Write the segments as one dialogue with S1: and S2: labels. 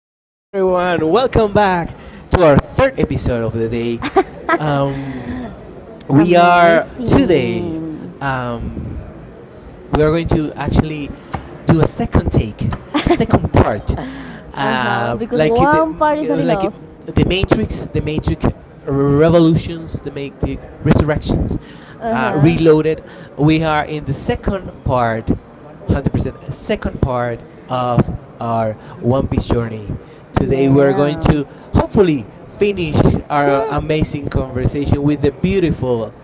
S1: Hi, everyone. Welcome back to our third episode of the day. Um, we are today
S2: Mean,
S1: um, we are going to actually do a second take, a second part, uh,
S2: because like you
S1: like the
S2: one part is not
S1: like
S2: enough.
S1: the Matrix, the Matrix Revolutions, the Matrix Resurrections,
S2: Uh-huh.
S1: Reloaded. We are in the second part, 100%, second part of our One Piece journey. Today we are going to hopefully finish our amazing conversation with the beautiful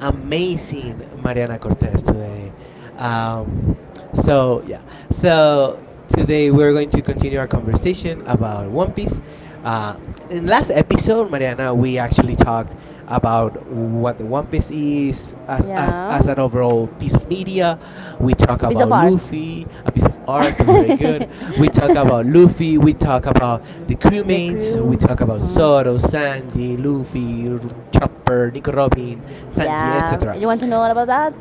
S1: amazing Mariana Cortez today. Um, so yeah, so today we're going to continue our conversation about One Piece. Uh, in last episode, Mariana, we actually talked about what the One Piece is as
S2: Uh,
S1: an overall piece of media. We talk
S2: Piece of
S1: about
S2: art.
S1: Luffy, a piece of art, very good. We talk about Luffy, we talk about the crewmates, we
S2: Crew.
S1: talk about Zoro, Sanji, Luffy, Chopper, Nico Robin, Sanji,
S2: Yeah.
S1: etc.
S2: You want to know all about that?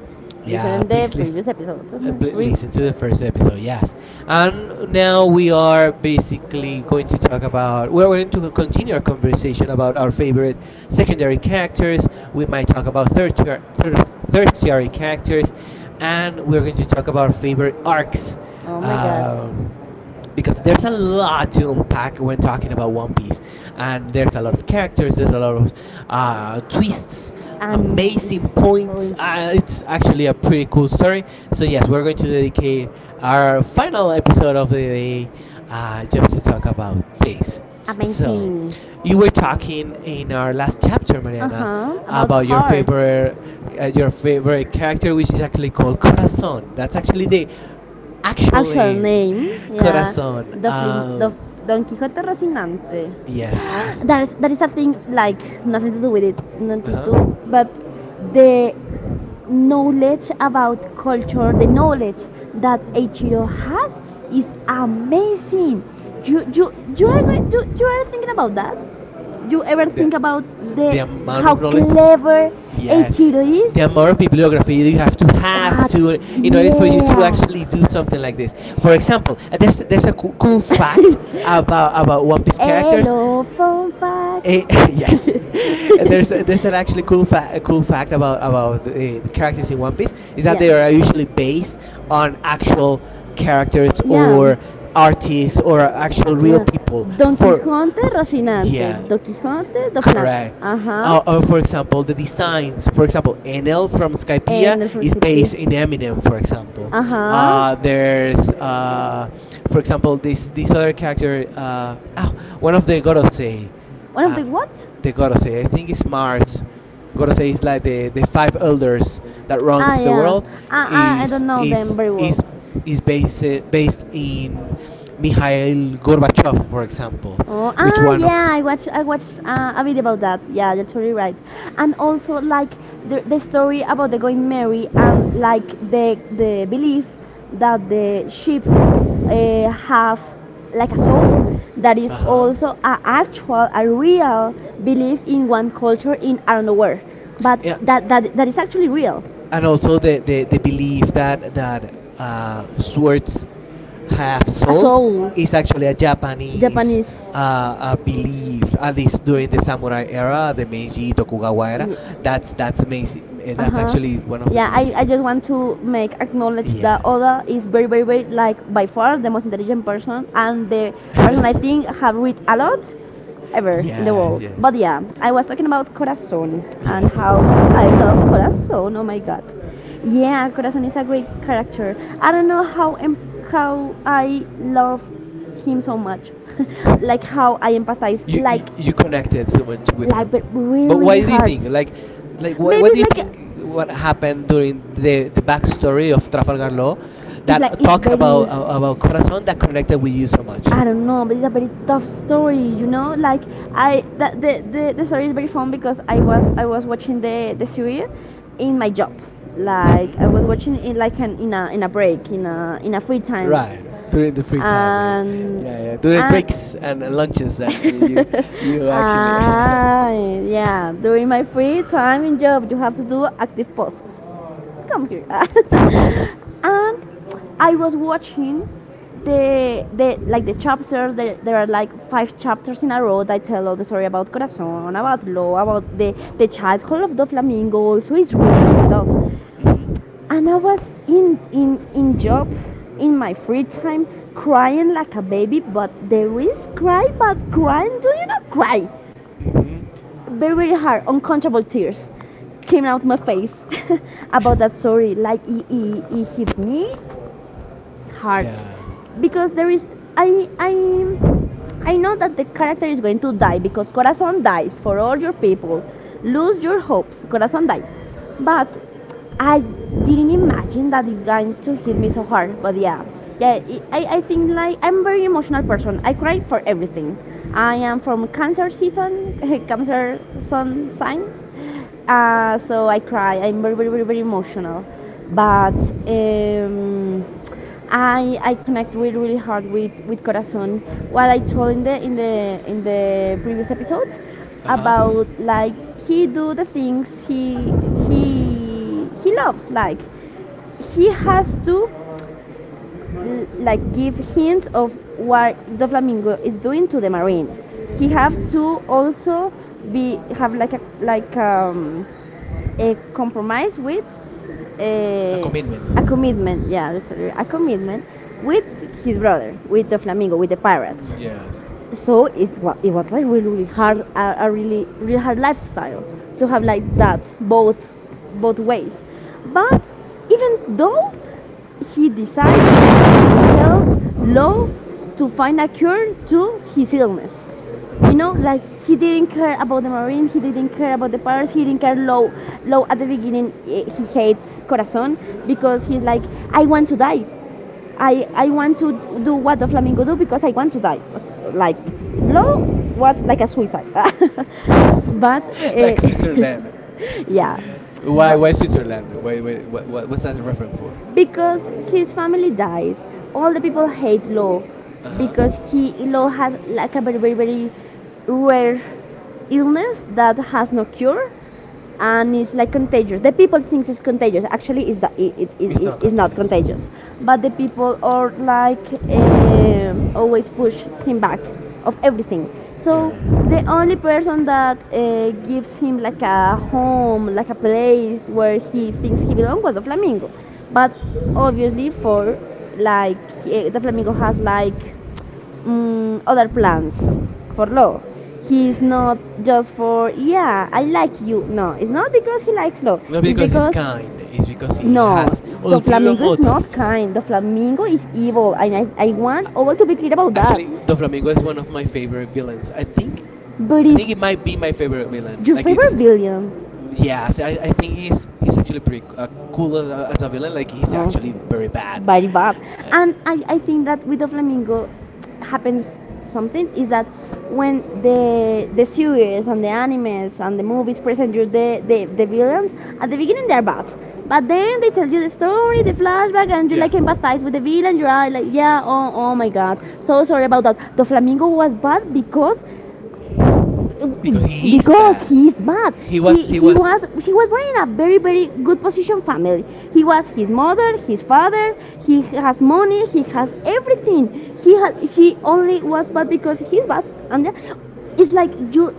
S2: Yeah,
S1: Yeah,
S2: listen the
S1: please listen.
S2: previous episode.
S1: Listen to the first episode, yes. And now we are basically going to talk about. We're going to continue our conversation about our favorite secondary characters. We might talk about tertiary, tertiary characters, and we're going to talk about our favorite arcs.
S2: Oh my god.
S1: Um, because there's a lot to unpack when talking about One Piece, and there's a lot of characters, there's a lot of twists,
S2: And
S1: amazing points.
S2: amazing.
S1: It's actually a pretty cool story. So yes, we're going to dedicate our final episode of the day just to talk about this. So
S2: Amazing.
S1: you were talking in our last chapter,
S2: Uh
S1: Mariana,
S2: huh. About
S1: about your
S2: heart.
S1: favorite character, which is actually called Corazon. That's actually the actual
S2: Actual
S1: name,
S2: name. Yeah.
S1: Corazon.
S2: The Don Quixote Rocinante.
S1: Yes.
S2: That is a thing like nothing to do with it.
S1: Uh
S2: Nothing,
S1: huh.
S2: but the knowledge about culture, the knowledge that Eiichiro has is amazing. You you you are thinking about that? You ever
S1: The
S2: think about the
S1: the amount
S2: how
S1: of knowledge.
S2: clever
S1: Yes.
S2: Eiichiro is?
S1: The amount of bibliography that you have to in order for you to
S2: Yeah.
S1: actually do something like this. For example, there's a cool fact about One Piece characters.
S2: Hello, phone fact.
S1: Eh, yes. And there's an actually cool fact about the characters in One Piece is that they are usually based on actual characters or artists or actual real people
S2: Don
S1: for
S2: Quijote, Rocinante.
S1: yeah.
S2: Don Quijote,
S1: Correct.
S2: Ajá.
S1: Or for example, the designs. For example, NL from Skypea
S2: En el
S1: is based in Eminem. For example,
S2: Ajá.
S1: uh, there's, uh, for example, this other character. Oh, one of the Gorosei,
S2: One of
S1: uh,
S2: the what?
S1: the Gorosei. I think it's Mars. Gorosei is like the five elders that
S2: Ah,
S1: runs the
S2: yeah.
S1: world.
S2: Ah, I
S1: Is
S2: don't know them
S1: is
S2: very well.
S1: is is based in Mikhail Gorbachev, for example,
S2: Oh,
S1: which one of
S2: yeah, I watched a video about that. Yeah, you're totally right. And also like the story about the Going Merry, and like the belief that the ships have like that is
S1: uh huh.
S2: also a real belief in one culture in I don't know where, but
S1: Yeah,
S2: that is actually real.
S1: and also the belief that swords have
S2: A
S1: souls
S2: soul,
S1: is actually a Japanese
S2: Japanese.
S1: belief, at least during the samurai era, the Meiji Tokugawa era.
S2: Yeah.
S1: That's amazing.
S2: Uh
S1: That's
S2: huh.
S1: actually one of the
S2: Yeah,
S1: main
S2: I
S1: things.
S2: just want to make acknowledge
S1: Yeah.
S2: that Oda is very very very, like by far the most intelligent person, and the I think have read a lot ever in the
S1: Yeah.
S2: world.
S1: Yes.
S2: But yeah, I was talking about Corazon and
S1: Yes.
S2: how, so oh my god. Yeah, Corazon is a great character. I don't know how I love him so much. Like how I empathize,
S1: you, you
S2: like.
S1: you connected so much with
S2: Like, but
S1: him. But
S2: really,
S1: why do you think like why,
S2: maybe
S1: what do
S2: it's
S1: you
S2: like,
S1: think what happened during the backstory of Trafalgar Law that talk about about Corazon that connected with you so much?
S2: I don't know, but it's a very tough story. Like the story is very fun because I was watching the series in my job, like
S1: Hmm.
S2: watching it like in a break, in a free time,
S1: Right during the free time, yeah,
S2: and
S1: yeah, yeah. During breaks and lunches, and you actually.
S2: ah yeah, during my free time in job, you have to do active pauses. Come here. And I was watching the chapters. There are like five chapters in a row that tell all the story about Corazon, about Lo, about the childhood of the flamingo. Also, is.
S1: Hmm.
S2: And I was in job in my free time, crying like a baby. But there is cry, but crying. Do you not cry?
S1: Hmm.
S2: Very very hard, uncontrollable tears came out my face about that story. Like it hit me hard
S1: Yeah.
S2: because there is I I I know that the character is going to die, because Corazon dies for all your people. Lose your hopes, Corazon die. But I didn't imagine that it's going to hit me so hard. But yeah, yeah, I think like I'm a very emotional person. I cry for everything. I am from Cancer season, Cancer sun sign. So I cry. I'm very, very, very, very emotional. But um, I connect really, really hard with Corazon. What I told in the previous episode,
S1: Uh huh.
S2: about like he do the things he he loves. Like he has to like give hints of what the flamingo is doing to the marine. He have to also be have like a a compromise with
S1: A
S2: a
S1: commitment.
S2: a commitment. Yeah, sorry, a commitment with his brother, with the Flamingo, with the pirates.
S1: Yes.
S2: So it was like really, really hard, a really, really hard lifestyle to have like that, both, both ways. But even though he decided law to find a cure to his illness. You know, like he didn't care about the Marine, he didn't care about the Pirates, he didn't care Law. Law at the beginning, he hates Corazon because he's like, I want to die. I want to do what the Flamingo do because I want to die. Like, Law was like a suicide. But,
S1: Like Switzerland.
S2: yeah.
S1: Why? Why Switzerland? Why? Why what? What's that reference for?
S2: Because his family dies. All the people hate Law
S1: Uh huh.
S2: because he Law has like a very very very rare illness that has no cure, and it's like contagious. The people thinks it's contagious. Actually, it's the, it, it,
S1: It's
S2: it,
S1: not
S2: it's not
S1: contagious.
S2: contagious, but the people are like um always push him back of everything. So
S1: Yeah.
S2: the only person that gives him like a home, like a place where he thinks he belongs, was the flamingo. But obviously, like the flamingo has like other plans for love. He's
S1: Yeah.
S2: not just for, yeah, I like you. No, it's not because he likes love.
S1: Not
S2: It's
S1: because he's kind, it's because
S2: because,
S1: he
S2: no,
S1: has
S2: the
S1: ulterior
S2: flamingo is not
S1: motives.
S2: kind. The flamingo is evil, and I want all to be clear about the
S1: Actually,
S2: that.
S1: Doflamingo
S2: Flamingo.
S1: is one of my favorite villains. I think
S2: But
S1: I
S2: is
S1: think it might be my favorite villain.
S2: your
S1: Like
S2: favorite
S1: it's,
S2: villain?
S1: yes, I think he's actually pretty cool
S2: Cool.
S1: as a villain. Like he's
S2: Oh,
S1: actually very bad.
S2: very bad.
S1: Uh,
S2: And I think that with the flamingo happens something is that when the series and the animes and the movies present you the villains, at the beginning they're bad. But then they tell you the story, the flashback, and you
S1: Yeah.
S2: like empathize with the villain. You are like, yeah, oh my god, so sorry about that. The flamingo was bad because,
S1: Because he is bad.
S2: he's bad. He
S1: He
S2: was
S1: was he
S2: he,
S1: was
S2: was, he was born in a very very good position family. He was his mother, his father. He has money. He has everything. He has she only was bad because he's bad, and it's like you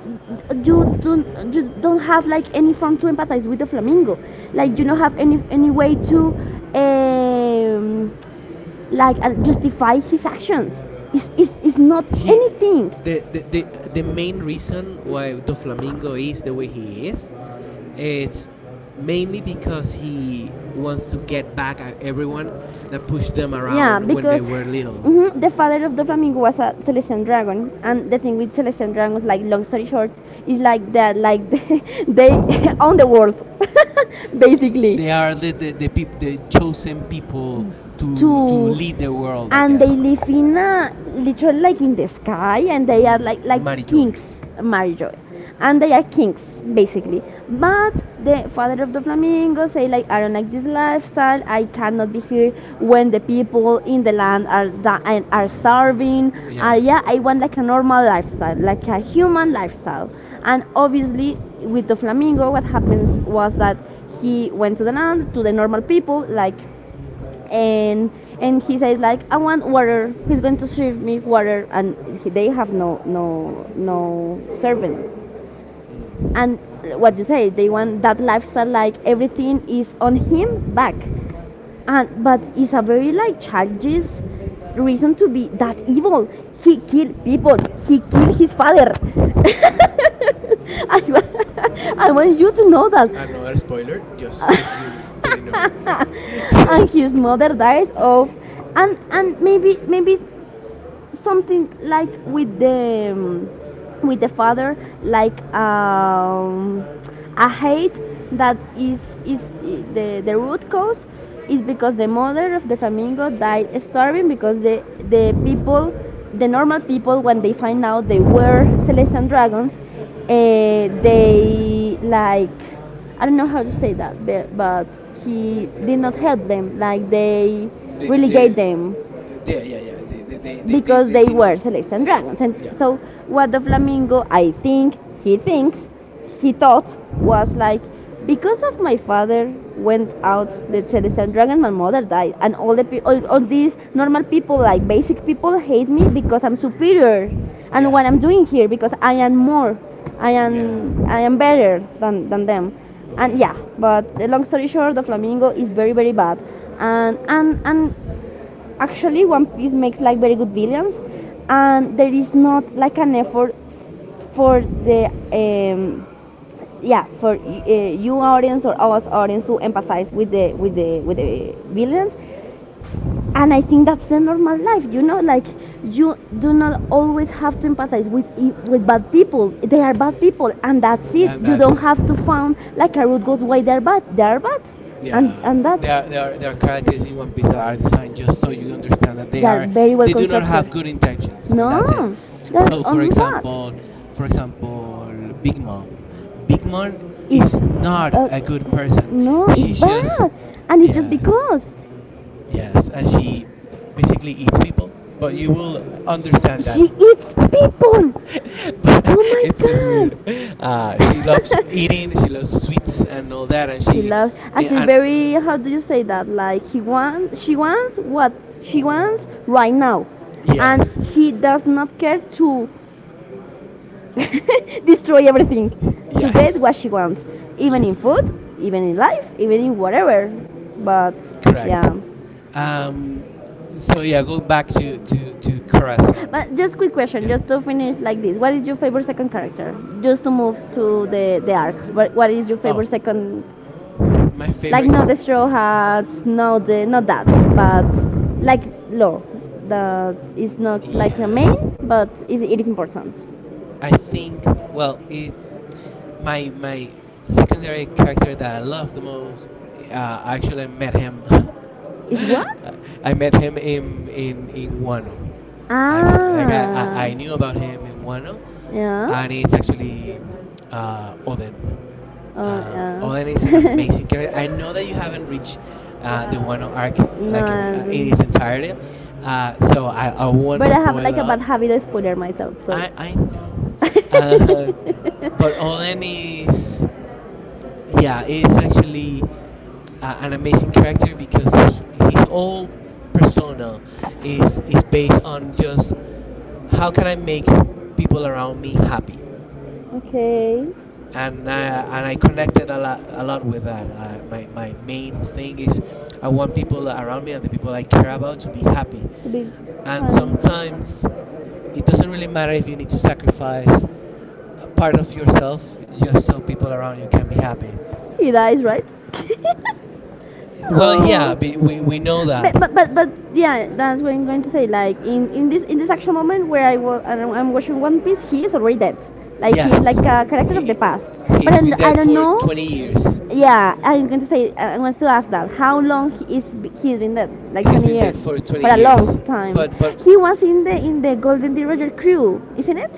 S2: you don't have like any form to empathize with the flamingo. Like you don't have any
S1: Mhm.
S2: any way to um, like justify his actions. It's not
S1: He
S2: anything.
S1: the, the the the main reason why the flamingo is the way he is, it's mainly because he wants to get back at everyone that pushed them
S2: Yeah,
S1: around when they
S2: because
S1: were little.
S2: mhm, the father of the flamingo was a Celestian dragon, and the thing with Celestian dragons, like long story short, is like that, like they own the world, basically.
S1: They are the chosen people to
S2: To-
S1: lead the world, I
S2: and
S1: guess.
S2: they live in a, literally, like in the sky, and they are like
S1: Mary Joy.
S2: kings. Marijoy. And they are kings basically,
S1: Mm,
S2: but the father of the flamingo say like, I don't like this lifestyle, I cannot be here when the people in the land are di- and are starving.
S1: yeah.
S2: Yeah, I want like a normal lifestyle, like a human lifestyle. And obviously, with the flamingo what happened was that he went to the land, to the normal people, like, and and he says like, I want water. He's going to serve me water, and they have no servants. And what you say, they want that lifestyle like everything is on him back. And but it's a very like childish reason to be that evil. He killed people. He killed his father. I, wa- I want you to know that.
S1: Another spoiler, just if you didn't know.
S2: And his mother dies of, and maybe something like with the father, like a hate that is the root cause, is because the mother of the flamingo died starving, because the people the normal people, when they find out they were celestial dragons, they like, I don't know how to say that, but he did not help them, like they
S1: they
S2: relegate
S1: they
S2: them
S1: yeah, yeah, yeah, they they, they, they, they
S2: because
S1: they
S2: they
S1: did not.
S2: were Celeste and Dragons. And
S1: Yeah.
S2: so what the flamingo, I think, he thinks, he thought was like, because of my father went out the Celeste and Dragon, my mother died, and all these normal people, like basic people, hate me because I'm superior, and
S1: Yeah.
S2: what I'm doing here, because I am more, I
S1: Yeah.
S2: am I am better than them, and
S1: Yeah.
S2: yeah. But long story short, the flamingo is very very bad. And actually, One Piece makes like very good villains, and there is not like an effort for the um, yeah, for you audience or us audience to empathize with the villains, and I think that's the normal life. You know, like you do not always have to empathize with bad people. They are bad people, and that's it.
S1: Then
S2: You
S1: that's
S2: don't
S1: it.
S2: have to find like a root cause why they're bad. They are bad, and
S1: Yeah.
S2: and that's
S1: There are characters in One Piece that are designed just so you understand that
S2: are very well.
S1: they do not have good intentions, and that's it.
S2: No, that's
S1: So, for
S2: only bad.
S1: example, big mom, big
S2: Bad.
S1: mom
S2: It's
S1: is not
S2: smart,
S1: a
S2: and
S1: good person,
S2: no, it's conscious
S1: she's just,
S2: bad, and it's, yeah, just
S1: yeah.
S2: because.
S1: Yes. And she basically eats people, but you will
S2: On the
S1: understand that.
S2: she other eats people.
S1: But
S2: Oh my
S1: it's just weird.
S2: it's god. True.
S1: She loves eating, she loves sweets and all that, and
S2: She
S1: she,
S2: loves, and she's, yeah, and
S1: and,
S2: very. How do you say that? Like he wants, she wants what she wants right now, and
S1: yes,
S2: she does not care to destroy everything, to get
S1: yes,
S2: what she wants, even in
S1: literally.
S2: food, even in life, even in whatever. But
S1: Correct.
S2: yeah.
S1: Um, so yeah, go back to Corazon.
S2: But just quick question,
S1: Yeah.
S2: just to finish like this. What is your favorite second character? Just to move to the arcs. What is your
S1: Oh,
S2: favorite second?
S1: my
S2: Like
S1: favorite.
S2: not the straw hats, not the not that, but like Law, that is not like a main,
S1: Yes.
S2: but it is important.
S1: I think. Well, it, my secondary character that I love the most. Uh, I actually met him.
S2: Is what?
S1: I met him in Wano. Actually, like I
S2: Ah,
S1: I, I knew about him in Wano,
S2: yeah.
S1: and it's actually Oden.
S2: Oh,
S1: Oden is
S2: or
S1: an
S2: yeah.
S1: amazing character. I know that you haven't reached the Wano arc,
S2: no,
S1: like if we,
S2: I
S1: in
S2: don't.
S1: its
S2: 80.
S1: entirety, so I won't
S2: But I have
S1: spoil
S2: like
S1: a
S2: a bad
S1: lot.
S2: habit of spoiling myself. So.
S1: I know,
S2: Uh,
S1: uh, but Oden
S2: eh,
S1: is, yeah, it's actually an amazing character, because his whole persona is based on just how can I make people around me happy,
S2: okay.
S1: and I connected a lot with that. My main thing is I want people around me and the people I care about to be happy.
S2: To be.
S1: And
S2: I-
S1: sometimes it doesn't really matter if you need to sacrifice a part of yourself just so people around you can be happy.
S2: He dies, right?
S1: Well,
S2: Oh.
S1: yeah, we know that.
S2: But yeah, that's what I'm going to say. Like in this action moment where I was I'm watching One Piece, he is already dead. Like
S1: Yes,
S2: character of the
S1: he
S2: past. But
S1: he's been
S2: I
S1: dead
S2: don't
S1: for
S2: know.
S1: 20 years.
S2: Yeah, I'm going to say I want to ask that. How long he is He's been dead? Like
S1: He's
S2: 20
S1: been dead
S2: years,
S1: for 20
S2: for a long
S1: years.
S2: time.
S1: But
S2: He was in the Golden D Roger crew, isn't it?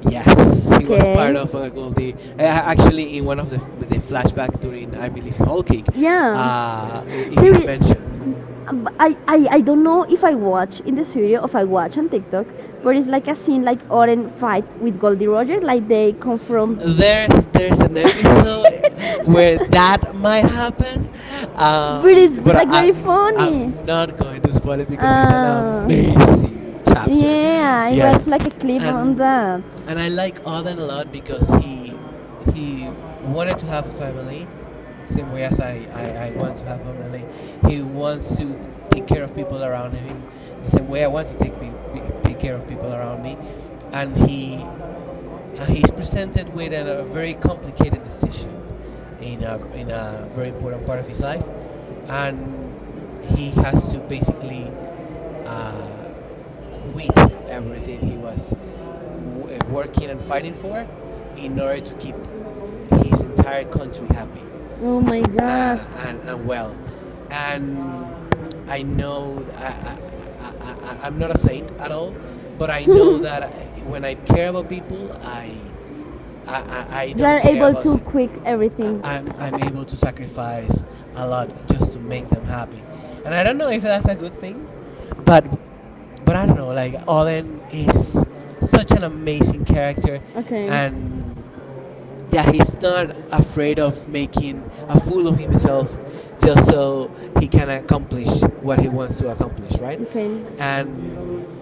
S1: yes, he was part of Goldie. Actually, in one of the flashback during I believe Whole Cake,
S2: Yeah,
S1: he-
S2: there
S1: he's
S2: is.
S1: mentioned.
S2: I don't know if I watch in the series or if I watch on TikTok, but it's like a scene like Oren fight with Goldie Roger, like they come from.
S1: There's an episode
S2: But
S1: where that might happen,
S2: it's
S1: but I,
S2: pretty
S1: I'm
S2: funny.
S1: I'm not going to spoil it, because it's an
S2: Ah,
S1: amazing chapter.
S2: yeah,
S1: Yes,
S2: the clip.
S1: and I like Auden a lot, because he wanted to have a family, same way as I want to have family. He wants to take care of people around him the same way I want to take care of people around me. And he's presented with an, a very complicated decision in a very important part of his life. And he has to basically uh, quit everything he was working and fighting for, in order to keep his entire country happy,
S2: Oh my
S1: and well, and I know I'm not a saint at all, but I know that I, when I care about people, I don't care about.
S2: quick
S1: I,
S2: everything.
S1: I'm I'm able to sacrifice a lot just to make them happy, and I don't know if that's a good thing, but but I don't know. Like Olen is such an amazing character,
S2: Okay.
S1: and yeah, he's not afraid of making a fool of himself just so he can accomplish what he wants to accomplish, right?
S2: Okay.
S1: And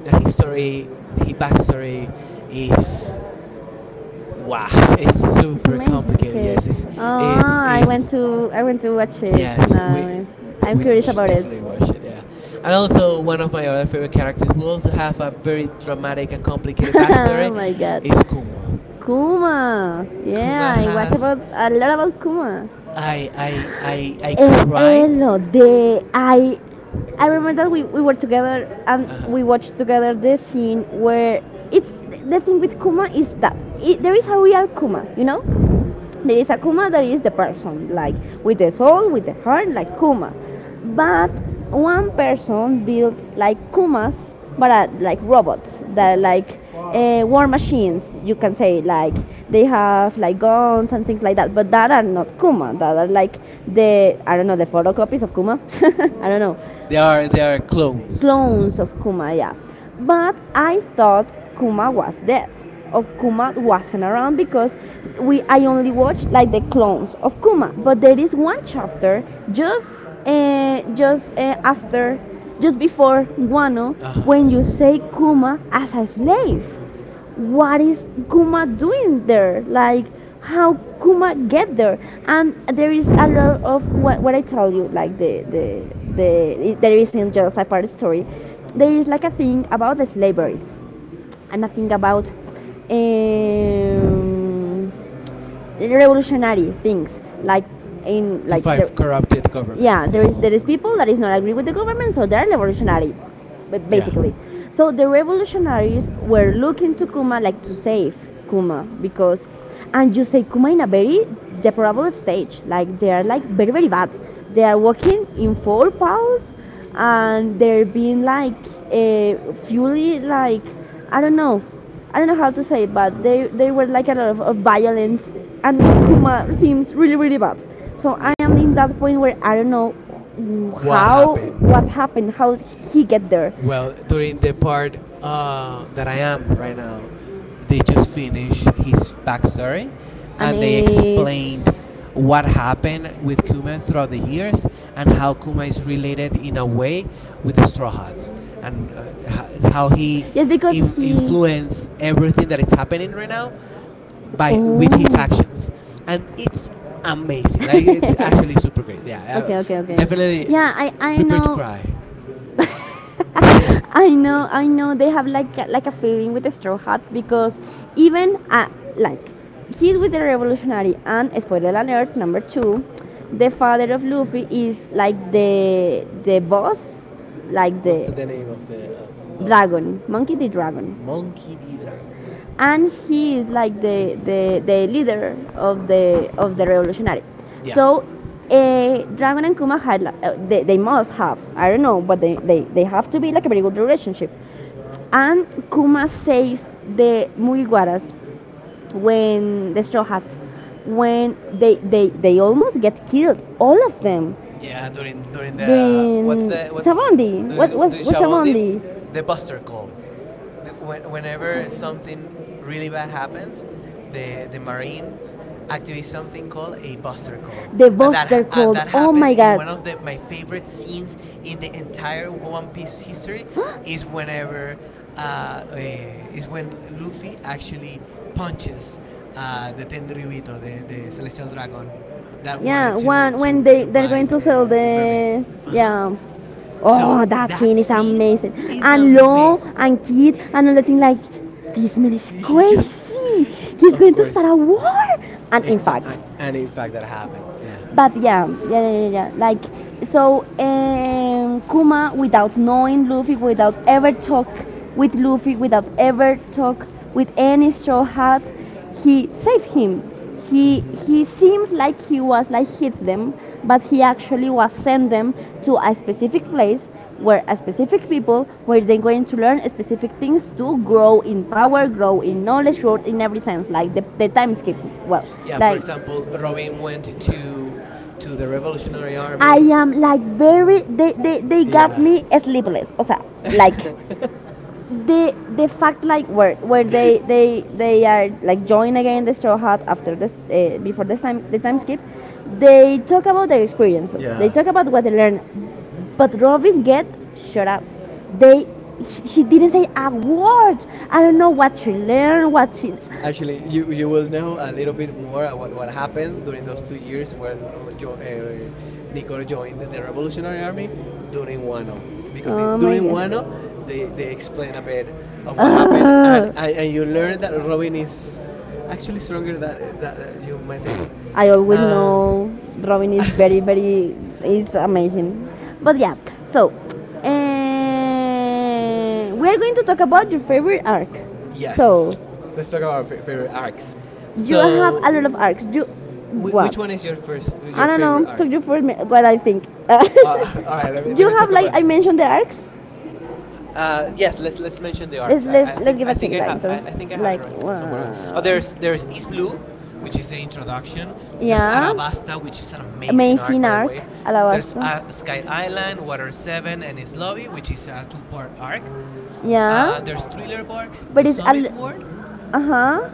S1: the history, the his backstory is, wow. It's super complicated.
S2: Okay.
S1: Yes, it's
S2: Oh,
S1: it's it's
S2: I went to watch it.
S1: yes,
S2: Uh,
S1: we
S2: I'm
S1: we
S2: curious
S1: should
S2: about it.
S1: definitely watch it. Yeah, and also one of my other favorite characters who also have a very dramatic and complicated
S2: Oh
S1: backstory
S2: my god.
S1: is Kuma.
S2: Kuma. Yeah,
S1: Kuma
S2: I watch
S1: has
S2: about a lot about Kuma.
S1: I cried.
S2: Elo, the I remember that we were together and
S1: Uh huh.
S2: we watched together the scene where it's. The thing with Kuma is that it, there is a real Kuma, you know? There is a Kuma that is the person, like with the soul, with the heart, like Kuma. But one person built like Kumas, but like robots that are like war machines, you can say. Like they have like guns and things like that, but that are not Kuma. That are like the, I don't know, the photocopies of Kuma. I don't know,
S1: They are clones.
S2: clones of Kumaya. But I thought Kuma was dead. Of Kuma wasn't around because we I only watched like the clones of Kuma. But there is one chapter just after, just before Guano,
S1: Uh
S2: when you
S1: huh.
S2: say Kuma as a slave, what is Kuma doing there? Like, how Kuma get there? And there is a lot of what I tell you, like the there is in Joseph part story. There is like a thing about the slavery, and a thing about um, revolutionary things, like in
S1: To
S2: like
S1: five corrupted
S2: yeah,
S1: governments.
S2: there is
S1: Yes.
S2: there is people that is not agree with the government, so they're revolutionary,
S1: Yeah.
S2: basically. So the revolutionaries were looking to Kuma, like to save Kuma, because and you say Kuma in a very deplorable stage, like they are like very very bad, they are walking in four paws, and they're being like fully like, I don't know, I don't know how to say it, but they were like a lot of violence, and Kuma seems really really bad. So I
S1: Yeah.
S2: am in that point where I don't know what,
S1: What
S2: how happened? What
S1: happened?
S2: happened, how he get there.
S1: Well, during the part that I am right now, they just finished his
S2: And
S1: backstory,
S2: and
S1: and they
S2: it's.
S1: explained what happened with Kuma throughout the years and how Kuma is related in a way with the Straw Hats, and how he
S2: Yes, because in,
S1: in-
S2: he.
S1: influenced everything that is happening right now by with his
S2: Oh.
S1: actions. And it's amazing. Like it's
S2: Um,
S1: actually super great. Yeah,
S2: okay, okay, okay.
S1: definitely
S2: Yeah, I
S1: prepare to
S2: know.
S1: cry. What's
S2: I know, I know. They have like a feeling with the straw hats because even like he's with the revolutionary, and spoiler alert number two, the father of Luffy is like the boss, like what's
S1: the name of
S2: the
S1: of
S2: dragon, monkey the dragon,
S1: Monkey D Dragon? Yeah.
S2: and he is like the leader of the revolutionary.
S1: Yeah,
S2: So Dragon and Kuma had like, they must have I don't know, but they have to be like a very good relationship. And Kuma saved the Mugiwaras when the Straw Hats, when they, they almost get killed all of them
S1: yeah. During during the what's
S2: during
S1: the what's
S2: Shabondi. What
S1: during
S2: was
S1: during the Buster Call. Whenever something really bad happens, the Marines activate something called a buster call,
S2: the
S1: and that ha-
S2: Buster.
S1: and that
S2: Oh
S1: happened
S2: my
S1: in one
S2: god.
S1: of the my favorite scenes in the entire One Piece history. Is when Luffy actually punches the Tenryubito, the celestial dragon that
S2: Yeah,
S1: wanted to
S2: one when they they're going
S1: buy
S2: to sell
S1: the mermaid.
S2: the
S1: Uh huh.
S2: yeah.
S1: So
S2: Oh, that
S1: that
S2: scene is
S1: scene
S2: amazing.
S1: is
S2: And Lo
S1: amazing.
S2: and Kid and all the thing like this man is
S1: He just,
S2: crazy. He's
S1: of
S2: going to start
S1: course,
S2: a war. And in
S1: exa-
S2: fact,
S1: and in fact that happened. Yeah.
S2: but yeah, yeah, yeah, yeah, yeah. Like so, Kuma, without knowing Luffy, without ever talk with Luffy, without ever talk with any straw hat, he saved him. He
S1: Hmm.
S2: he seems like he was like hit them, but he actually was sent them to a specific place where a specific people where they're going to learn specific things to grow in power, grow in knowledge, grow in every sense, like the time skip. Well,
S1: Yeah. For
S2: like
S1: example, Robin went to the Revolutionary
S2: I
S1: Army.
S2: am like very they got
S1: Yeah.
S2: me sleepless. O sea, like the fact like where they are like join again the straw hat after this before this time the time skip, they talk about their experiences. They
S1: Yeah.
S2: talk about what they learn, but Robin get shut up. They, she didn't say a word. I don't know what she learned, what she.
S1: Actually, you will know a little bit more about what happened during those 2 years when Nicole joined the Revolutionary Army during Wano. Because
S2: Oh my
S1: during Wano,
S2: god.
S1: they explain a bit of what happened, and,
S2: Ah.
S1: and you learn that Robin is actually stronger than you might think.
S2: I always
S1: Um,
S2: know Robin is very, very, it's amazing. But yeah, so we're going to talk about your favorite arc. So
S1: yes, let's
S2: Let's-
S1: talk about our favorite arcs.
S2: you have. So,
S1: So,
S2: a lot of arcs. You what?
S1: which
S2: Which
S1: one is your first
S2: one, I
S1: your
S2: don't know.
S1: favorite arc?
S2: Took you for me- what I think. Let
S1: All right,
S2: me,
S1: let
S2: you
S1: me
S2: have
S1: talk
S2: like
S1: about.
S2: I mentioned the arcs.
S1: Yes, let's mention the
S2: Let's
S1: arcs.
S2: let's let's give a
S1: I
S2: chequita.
S1: have
S2: Entonces,
S1: I think I have it
S2: like,
S1: right somewhere. Oh,
S2: wow.
S1: there's East Blue, which is the introduction. There's
S2: Yeah.
S1: Arabasta, which is an amazing arc,
S2: Amazing
S1: by the
S2: arc,
S1: way. There's
S2: alabaster.
S1: Sky Island, Water Seven, and His Lobby, which is a two-part arc.
S2: Yeah,
S1: There's Thriller Bark, The
S2: but it's a
S1: Summit Ward,
S2: uh huh.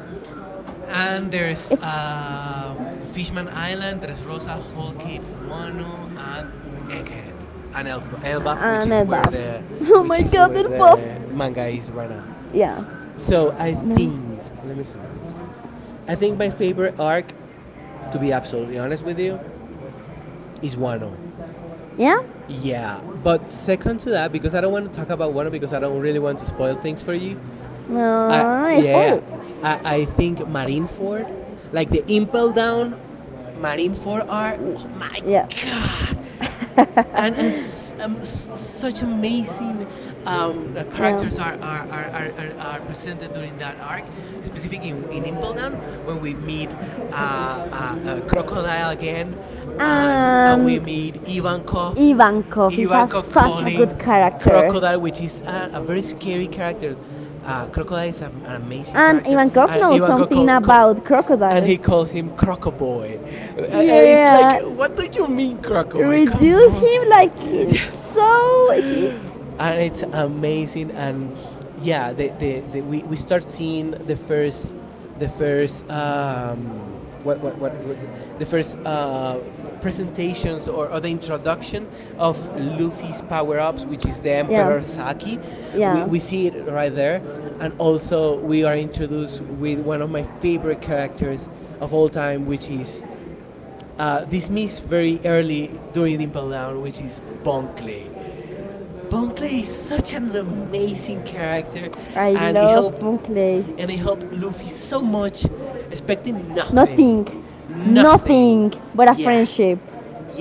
S1: and there's
S2: It's
S1: Fishman Island. There's Rosa, Holkate, Wano, and Egghead, and Elbaf, which
S2: and
S1: is
S2: a
S1: where
S2: buff.
S1: the
S2: Oh
S1: which
S2: my
S1: is
S2: god,
S1: where
S2: they're buff.
S1: the manga is right now.
S2: Yeah.
S1: So I think let me see, let me see. Let me see. I think my favorite arc, to be absolutely honest with you, is Wano.
S2: Yeah?
S1: Yeah, but second to that, because I don't want to talk about Wano because I don't really want to spoil things for you. I
S2: No, it's
S1: yeah,
S2: spoiled.
S1: I think Marineford, like the Impel Down Marineford arc. Oh my
S2: Yeah.
S1: god, and as such amazing characters are presented during that arc, specifically in Impel Down, when we meet Crocodile again, and we
S2: And
S1: meet Ivankov,
S2: Ivankov
S1: Ivankov calling Crocodile, which is a very scary character. Crocodile is a, an amazing character, and Ivankov
S2: about crocodiles.
S1: and he calls him Crocoboy. Uh, uh, it's like, what do you mean, Crocoboy? Come on.
S2: Him like he's so he,
S1: And it's amazing. And yeah, the we start seeing the first the first um what the first presentations, or the introduction of Luffy's power-ups, which is the
S2: yeah.
S1: emperor saki. We see it right there, and also we are introduced with one of my favorite characters of all time, which is dismissed very early during Impel Down, which is Bon Clay. Bunkley is such an amazing character,
S2: I
S1: and he helped
S2: Moonclay.
S1: and he helped Luffy so much, expecting
S2: Nothing.
S1: nothing,
S2: Nothing,
S1: nothing.
S2: nothing but a
S1: Yeah.
S2: friendship.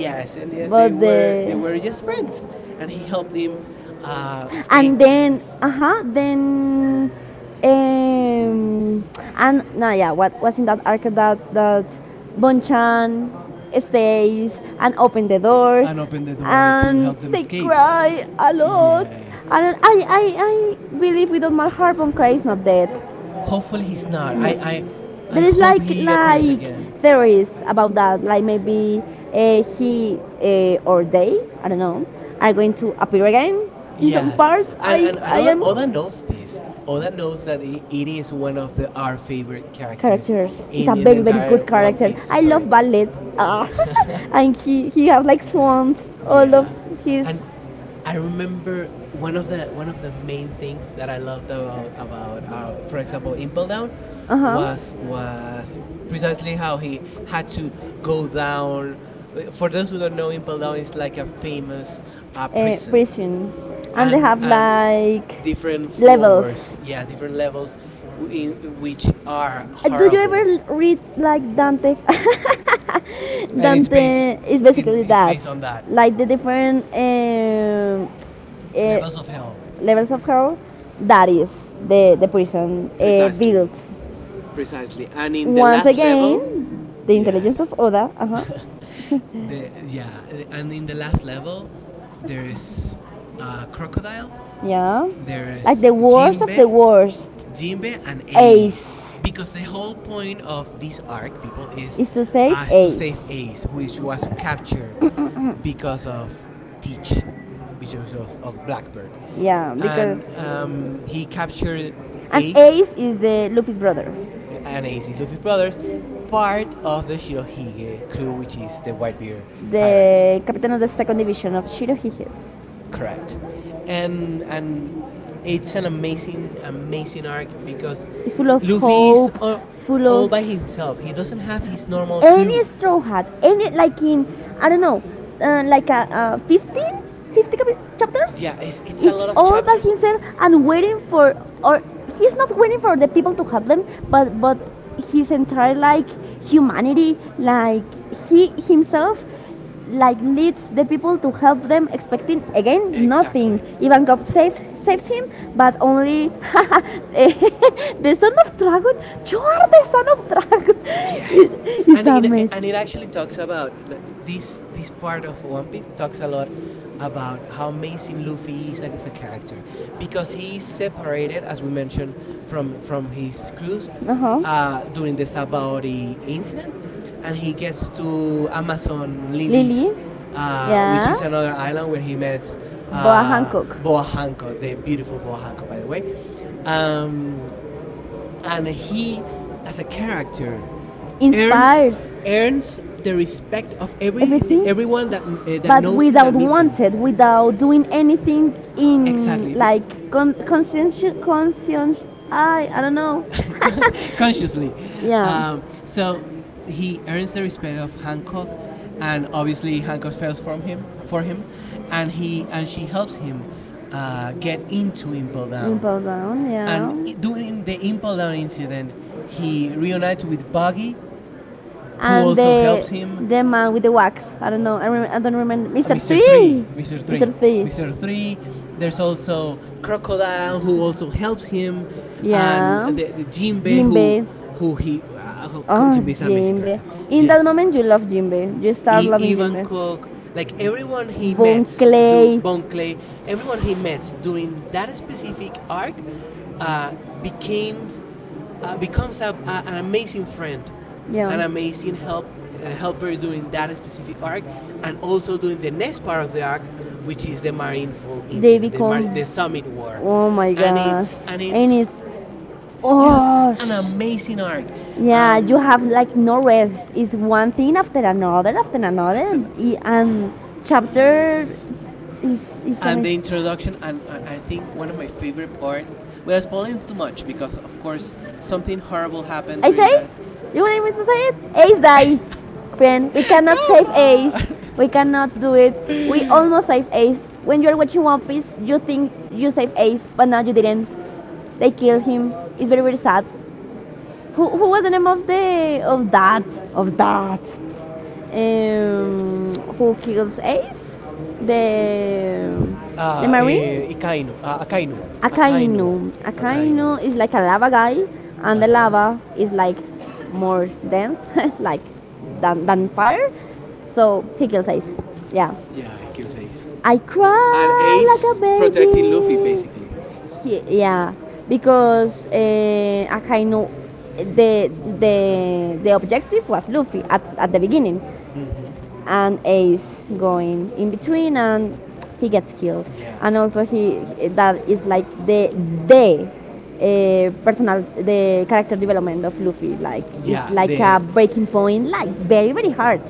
S2: Yes.
S1: and
S2: But
S1: they were
S2: the
S1: just friends, and he helped him escape.
S2: and then uh-huh then um and no yeah what was in that arc that that Bonchan stays and open the door
S1: And open the door to help
S2: and
S1: them
S2: they
S1: escape.
S2: cry a lot.
S1: Yeah.
S2: And I believe with all my heart Bonkai is not dead.
S1: Hopefully he's not. I
S2: There is
S1: hope he appears
S2: like
S1: again.
S2: theories about that, like maybe he or they, I don't know, are going to appear again in some
S1: Yes,
S2: part.
S1: and
S2: I,
S1: I
S2: I
S1: know
S2: am
S1: Oda knows this. Oda knows that I it is one of the, our favorite characters
S2: characters. He's a
S1: in the
S2: very very
S1: entire
S2: good
S1: One
S2: character.
S1: Piece
S2: I
S1: story.
S2: love ballet, ah. And he has like swans. All of
S1: Yeah,
S2: his
S1: and I remember one of the main things that I loved about for example, Impel Down,
S2: uh huh.
S1: was precisely how he had to go down. For those who don't know, Impel Down is like a famous
S2: uh,
S1: prison,
S2: prison and they have
S1: and
S2: like
S1: different floors,
S2: levels.
S1: yeah, different levels, which are
S2: Do you ever
S1: horrible,
S2: read like Dante?
S1: and it's
S2: Dante
S1: based
S2: is basically
S1: it's based on that
S2: like the different
S1: levels of hell,
S2: levels of hell. That is the prison
S1: precisely,
S2: built.
S1: precisely, and in the
S2: Once
S1: last
S2: again,
S1: level,
S2: the intelligence
S1: yes,
S2: of Oda. Uh huh.
S1: the yeah, and in the last level, there's a crocodile,
S2: yeah. Like
S1: there's
S2: the worst of the
S1: Jimbe,
S2: worst.
S1: Jinbe, and Ace. Because the whole point of this arc, people, is
S2: Is to save
S1: us to
S2: Ace.
S1: save Ace, which was captured because of Teach, because of Blackbird.
S2: Yeah,
S1: And he captured Ace,
S2: Ace is the Luffy's brother.
S1: and Ace is Luffy's brothers, part of the Shirohige crew, which is the Whitebeard Pirates.
S2: Captain of the second division of Shirohiges.
S1: Correct. And it's an amazing, amazing arc because
S2: It's full of
S1: Luffy's all by himself. He doesn't have his normal crew.
S2: any straw hat any like in, I don't know, like a 15 50 chapters
S1: Yeah, it's a
S2: is
S1: lot of
S2: all by
S1: chapters.
S2: himself and waiting for, or he's not waiting for the people to help them, but his entire like humanity, like he himself, like leads the people to help them, expecting again
S1: Exactly.
S2: nothing. Ivankov saves saves him, but only the son of dragon. You are the son of dragon.
S1: Yes, and in
S2: It-
S1: and it actually talks about, like, this part of One Piece talks a lot about how amazing Luffy is as a character because he is separated, as we mentioned, from his crews
S2: uh huh.
S1: during the Sabaody incident, and he gets to Amazon Lilies, which is another island where he meets uh, Boa Hancock, the beautiful Boa Hancock, by the way. Um, and he, as a character, earns earns the respect of every everyone that that knows him, that meets him.
S2: Without doing anything
S1: Exactly.
S2: in like conscientious, conscience. I don't know.
S1: Consciously.
S2: Yeah,
S1: So he earns the respect of Hancock, and obviously Hancock fails from him for him, and he and she helps him get into Impel
S2: in
S1: Down.
S2: Pogon,
S1: And
S2: yeah.
S1: during the Impel Down incident, he reunites with Buggy, who
S2: And,
S1: also helps
S2: the
S1: him,
S2: the man with the wax. I don't know. I don't remember. Mr.
S1: Mr. Three,
S2: Three.
S1: Mr.
S2: Mr.
S1: Three,
S2: Three.
S1: Mr. Three. There's also Crocodile, who also helps him, and
S2: Yeah.
S1: the Jinbe who
S2: Jinbei. Oh,
S1: Jinbe is an amazing
S2: Jimbe.
S1: character.
S2: In
S1: Yeah,
S2: that moment, you love Jimbe. You start
S1: I,
S2: loving
S1: Ivan
S2: Jimbe.
S1: Kok, like everyone he
S2: Von
S1: met, do
S2: Clay.
S1: Bon Clay, everyone he met during that specific arc, uh, became becomes an amazing friend,
S2: Yeah.
S1: an amazing
S2: Yeah.
S1: help, helper during that specific arc, and also during the next part of the arc, which is the Marinefall
S2: They.
S1: incident, the the Summit War,
S2: Oh my
S1: and
S2: and
S1: it's
S2: it's oh.
S1: just an amazing arc.
S2: Yeah, you
S1: Um,
S2: have like no rest. It's one thing after another,
S1: hasta
S2: and, chapter
S1: yes,
S2: is
S1: and the
S2: amazing.
S1: introduction. And I think one of my favorite part, without spoiling too much, because of course
S2: Of
S1: something horrible happened
S2: I
S1: during that.
S2: say? You want me to say it? Ace die. Friend, we cannot
S1: Come
S2: save Ace.
S1: on.
S2: We cannot do it. We almost saved Ace. When you're watching One Piece, you think you saved Ace, but now you didn't. They killed him. It's very very sad. Who was the name of the of that of that? Who kills Ace? The the
S1: Eh,
S2: marine?
S1: Ikainu Akainu. Akainu.
S2: Akainu.
S1: Akainu.
S2: Akainu is like a lava guy, and the
S1: Uh-huh.
S2: lava is like more dense, like than fire. So he kills Ace. Yeah.
S1: Yeah, he kills Ace,
S2: I
S1: and
S2: cry like a
S1: Ace protecting Luffy basically.
S2: baby. He, yeah, because Akainu, the the objective was Luffy at the beginning,
S1: Hmm.
S2: and Ace going in between, and he gets killed.
S1: Yeah.
S2: And also he that is like the. Personal the character development of Luffy like it's
S1: Yeah,
S2: like a breaking point like very very hard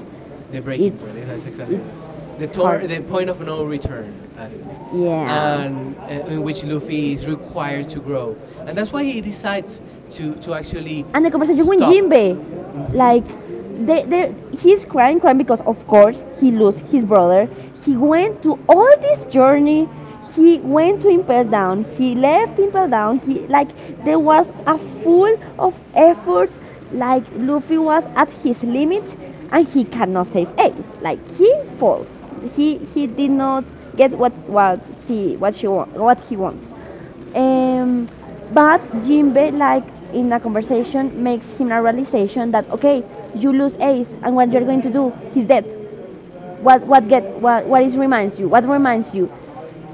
S1: the breaking point.
S2: it's
S1: That's exactly
S2: exactly.
S1: the
S2: It's hard,
S1: the point of no return, actually,
S2: yeah,
S1: and in which Luffy is required to grow, and that's why he decides to actually
S2: and the conversation with
S1: stop.
S2: Jinbe,
S1: Mhm.
S2: like they, he's crying, crying because of course he lost his brother. He went to all this journey. He went to Impel Down. He left Impel Down. He like there was a full of efforts. Like Luffy was at his limit, and he cannot save Ace. Like he falls. He did not get what he what she want, what he wants. Um, but Jinbe, like in a conversation, makes him a realization that okay, you lose Ace, and what you're going to do? He's dead. What get what is reminds you? What reminds you?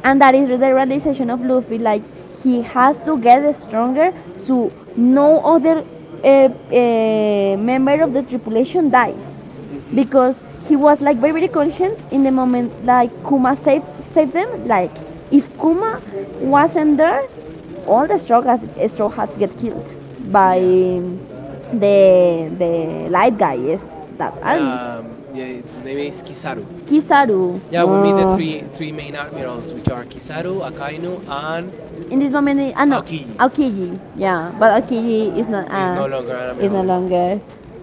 S2: And that is the realization
S1: Mhm.
S2: of Luffy. Like he has to get stronger so no other member of the tripulation dies
S1: Mm-hmm.
S2: because he was like very very conscient in the moment like Kuma saved saved them like if Kuma wasn't there all the straw hats get killed by
S1: Yeah.
S2: the light guy yes that and
S1: Yeah, his name is Kizaru.
S2: Kizaru.
S1: Yeah, we meet the three main admirals, which are Kizaru, Akainu, and
S2: In this moment, ah no,
S1: Aokiji.
S2: Aokiji. Yeah, but Aokiji is not. Is
S1: Is no
S2: no
S1: longer an
S2: uh, is
S1: admiral anymore.
S2: longer. We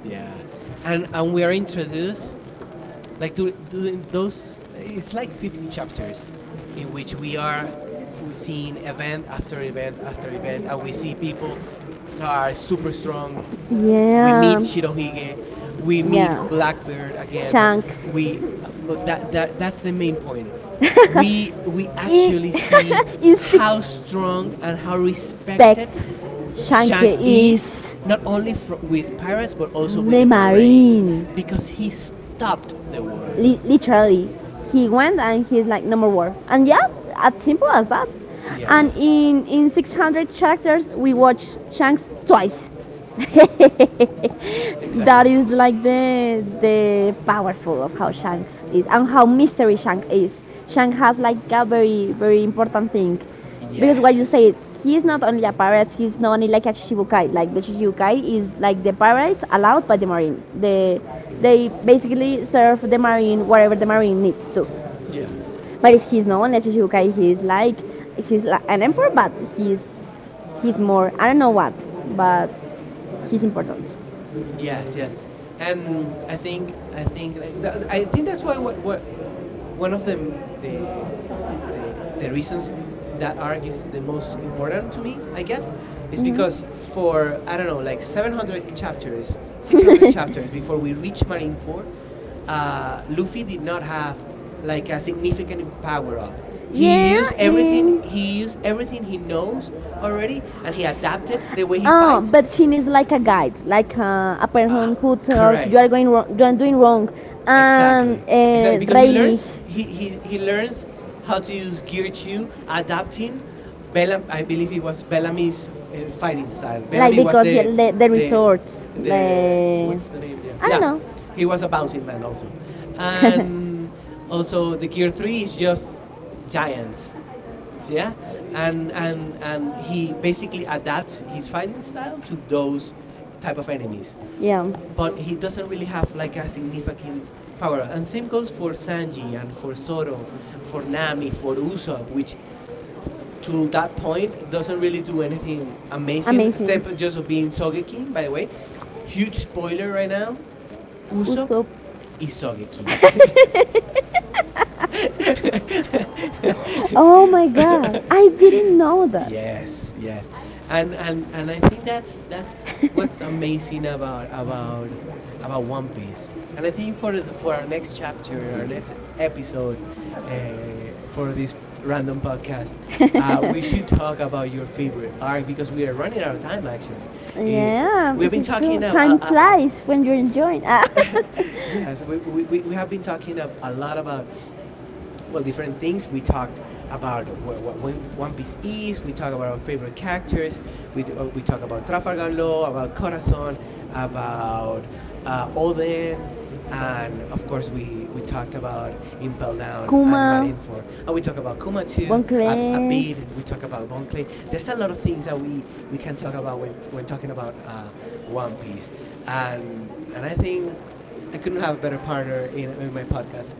S1: Yeah, and we are introduced like during those. It's like 50 chapters, in which we are we seeing event after event after event, and we see people that are super strong. We meet Shirohige, we meet Blackbeard again. We, but that's the main point. We actually see
S2: In-
S1: how strong and how respected
S2: Shank
S1: Shank is, not only with pirates but also with the marine, because he stopped the war.
S2: Li- literally, he went and he's like no more war. And yeah, as simple as that. Yeah.
S1: Yeah.
S2: And in 600 chapters, we watch Shanks twice.
S1: Exactly.
S2: That is like the powerful of how Shanks is and how mystery Shank is. Shank has like a very very important thing because what you
S1: Yes. He-
S2: say he's not only a pirate he's not only like a shichibukai like the shichibukai is like the pirates allowed by the marine the they basically serve the marine wherever the marine needs to
S1: yeah.
S2: but it's- he's not unless you guy he's like an emperor but he's he's more, I don't know what, but he's important.
S1: Yes, yes, and I think, like, I think that's why what one of them the the reasons that arc is the most important to me, I guess, is because
S2: Mhm.
S1: for I don't know like 700 chapters, 600 chapters before we reach Marine Four, Luffy did not have like a significant power up. He used everything he knows already, and he adapted the way he
S2: Oh,
S1: fights.
S2: but she needs like a guide, like a
S1: Uh,
S2: person who tells
S1: correct.
S2: you are going wrong, you are doing wrong,
S1: Exactly,
S2: and
S1: exactly.
S2: yeah,
S1: Because he
S2: Riley.
S1: learns, he learns how to use Gear Two, adapting. Bellam, I believe it was Bellamy's fighting style.
S2: Like what
S1: Bellamy was
S2: because he, the they,
S1: the,
S2: resorts,
S1: the
S2: the-
S1: what's the name? Yeah,
S2: I don't
S1: yeah.
S2: know.
S1: He was a bouncing man also, and also the Gear Three is just giants. Yeah, and he basically adapts his fighting style to those type of enemies,
S2: Yeah,
S1: but he doesn't really have like a significant power up. And same goes for Sanji and for Zoro, for Nami, for Usopp, which to that point doesn't really do anything amazing.
S2: amazing.
S1: Except just of being Sogeking, by the way. Huge spoiler right now. Usopp
S2: Usopp.
S1: is Sogeking.
S2: Oh my god, I didn't know.
S1: Yes, yes, and I think that's what's amazing about One Piece. And I think for our next chapter, our next episode, uh, for this random podcast, we should talk about your favorite arc, because we are running out of time. Actually, Eh, we have been talking about.
S2: When you're enjoying. Ah. Things.
S1: Yes, we have been talking a lot about well different things. We talked about what One Piece is. We talk about our favorite characters. We do, we talk about Trafalgar Law, about Corazon, about Oden, and of course we talked about Impel Down and Marineford. And we talk about Kuma too. A bit. We talk about Bonclay. There's a lot of things that we can talk about when talking about One Piece, and I think I couldn't have a better partner in my podcast.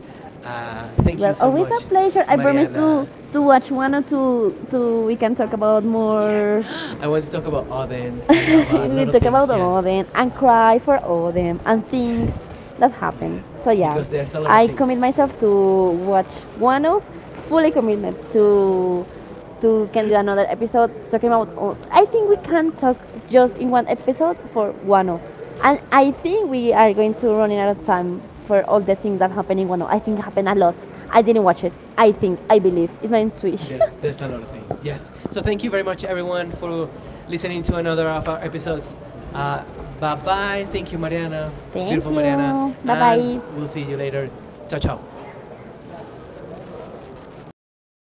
S1: Thank you
S2: Well,
S1: so
S2: always a
S1: much,
S2: pleasure. I promise
S1: Mariana.
S2: to watch one or two, to we can talk about more.
S1: Yeah, I want to talk about Odin and about a
S2: We
S1: lot of
S2: talk
S1: things.
S2: about all
S1: Yes,
S2: them and cry for all them and
S1: yeah,
S2: things that happen.
S1: yes,
S2: So yeah,
S1: because there's a lot of
S2: I
S1: things.
S2: commit
S1: Yeah.
S2: myself to watch Wano, fully commitment to can do another episode talking about. All, I think we can talk just in one episode for Wano, and I think we are going to run out of time for all the things that happen in Wano. I think happened a lot. I didn't watch it. I think I believe it's my intuition.
S1: There's a lot of things. Yes. So thank you very much, everyone, for listening to another of our episodes. Uh, Bye bye. Thank you, Mariana. Beautiful Mariana. And we'll see you later. Ciao ciao.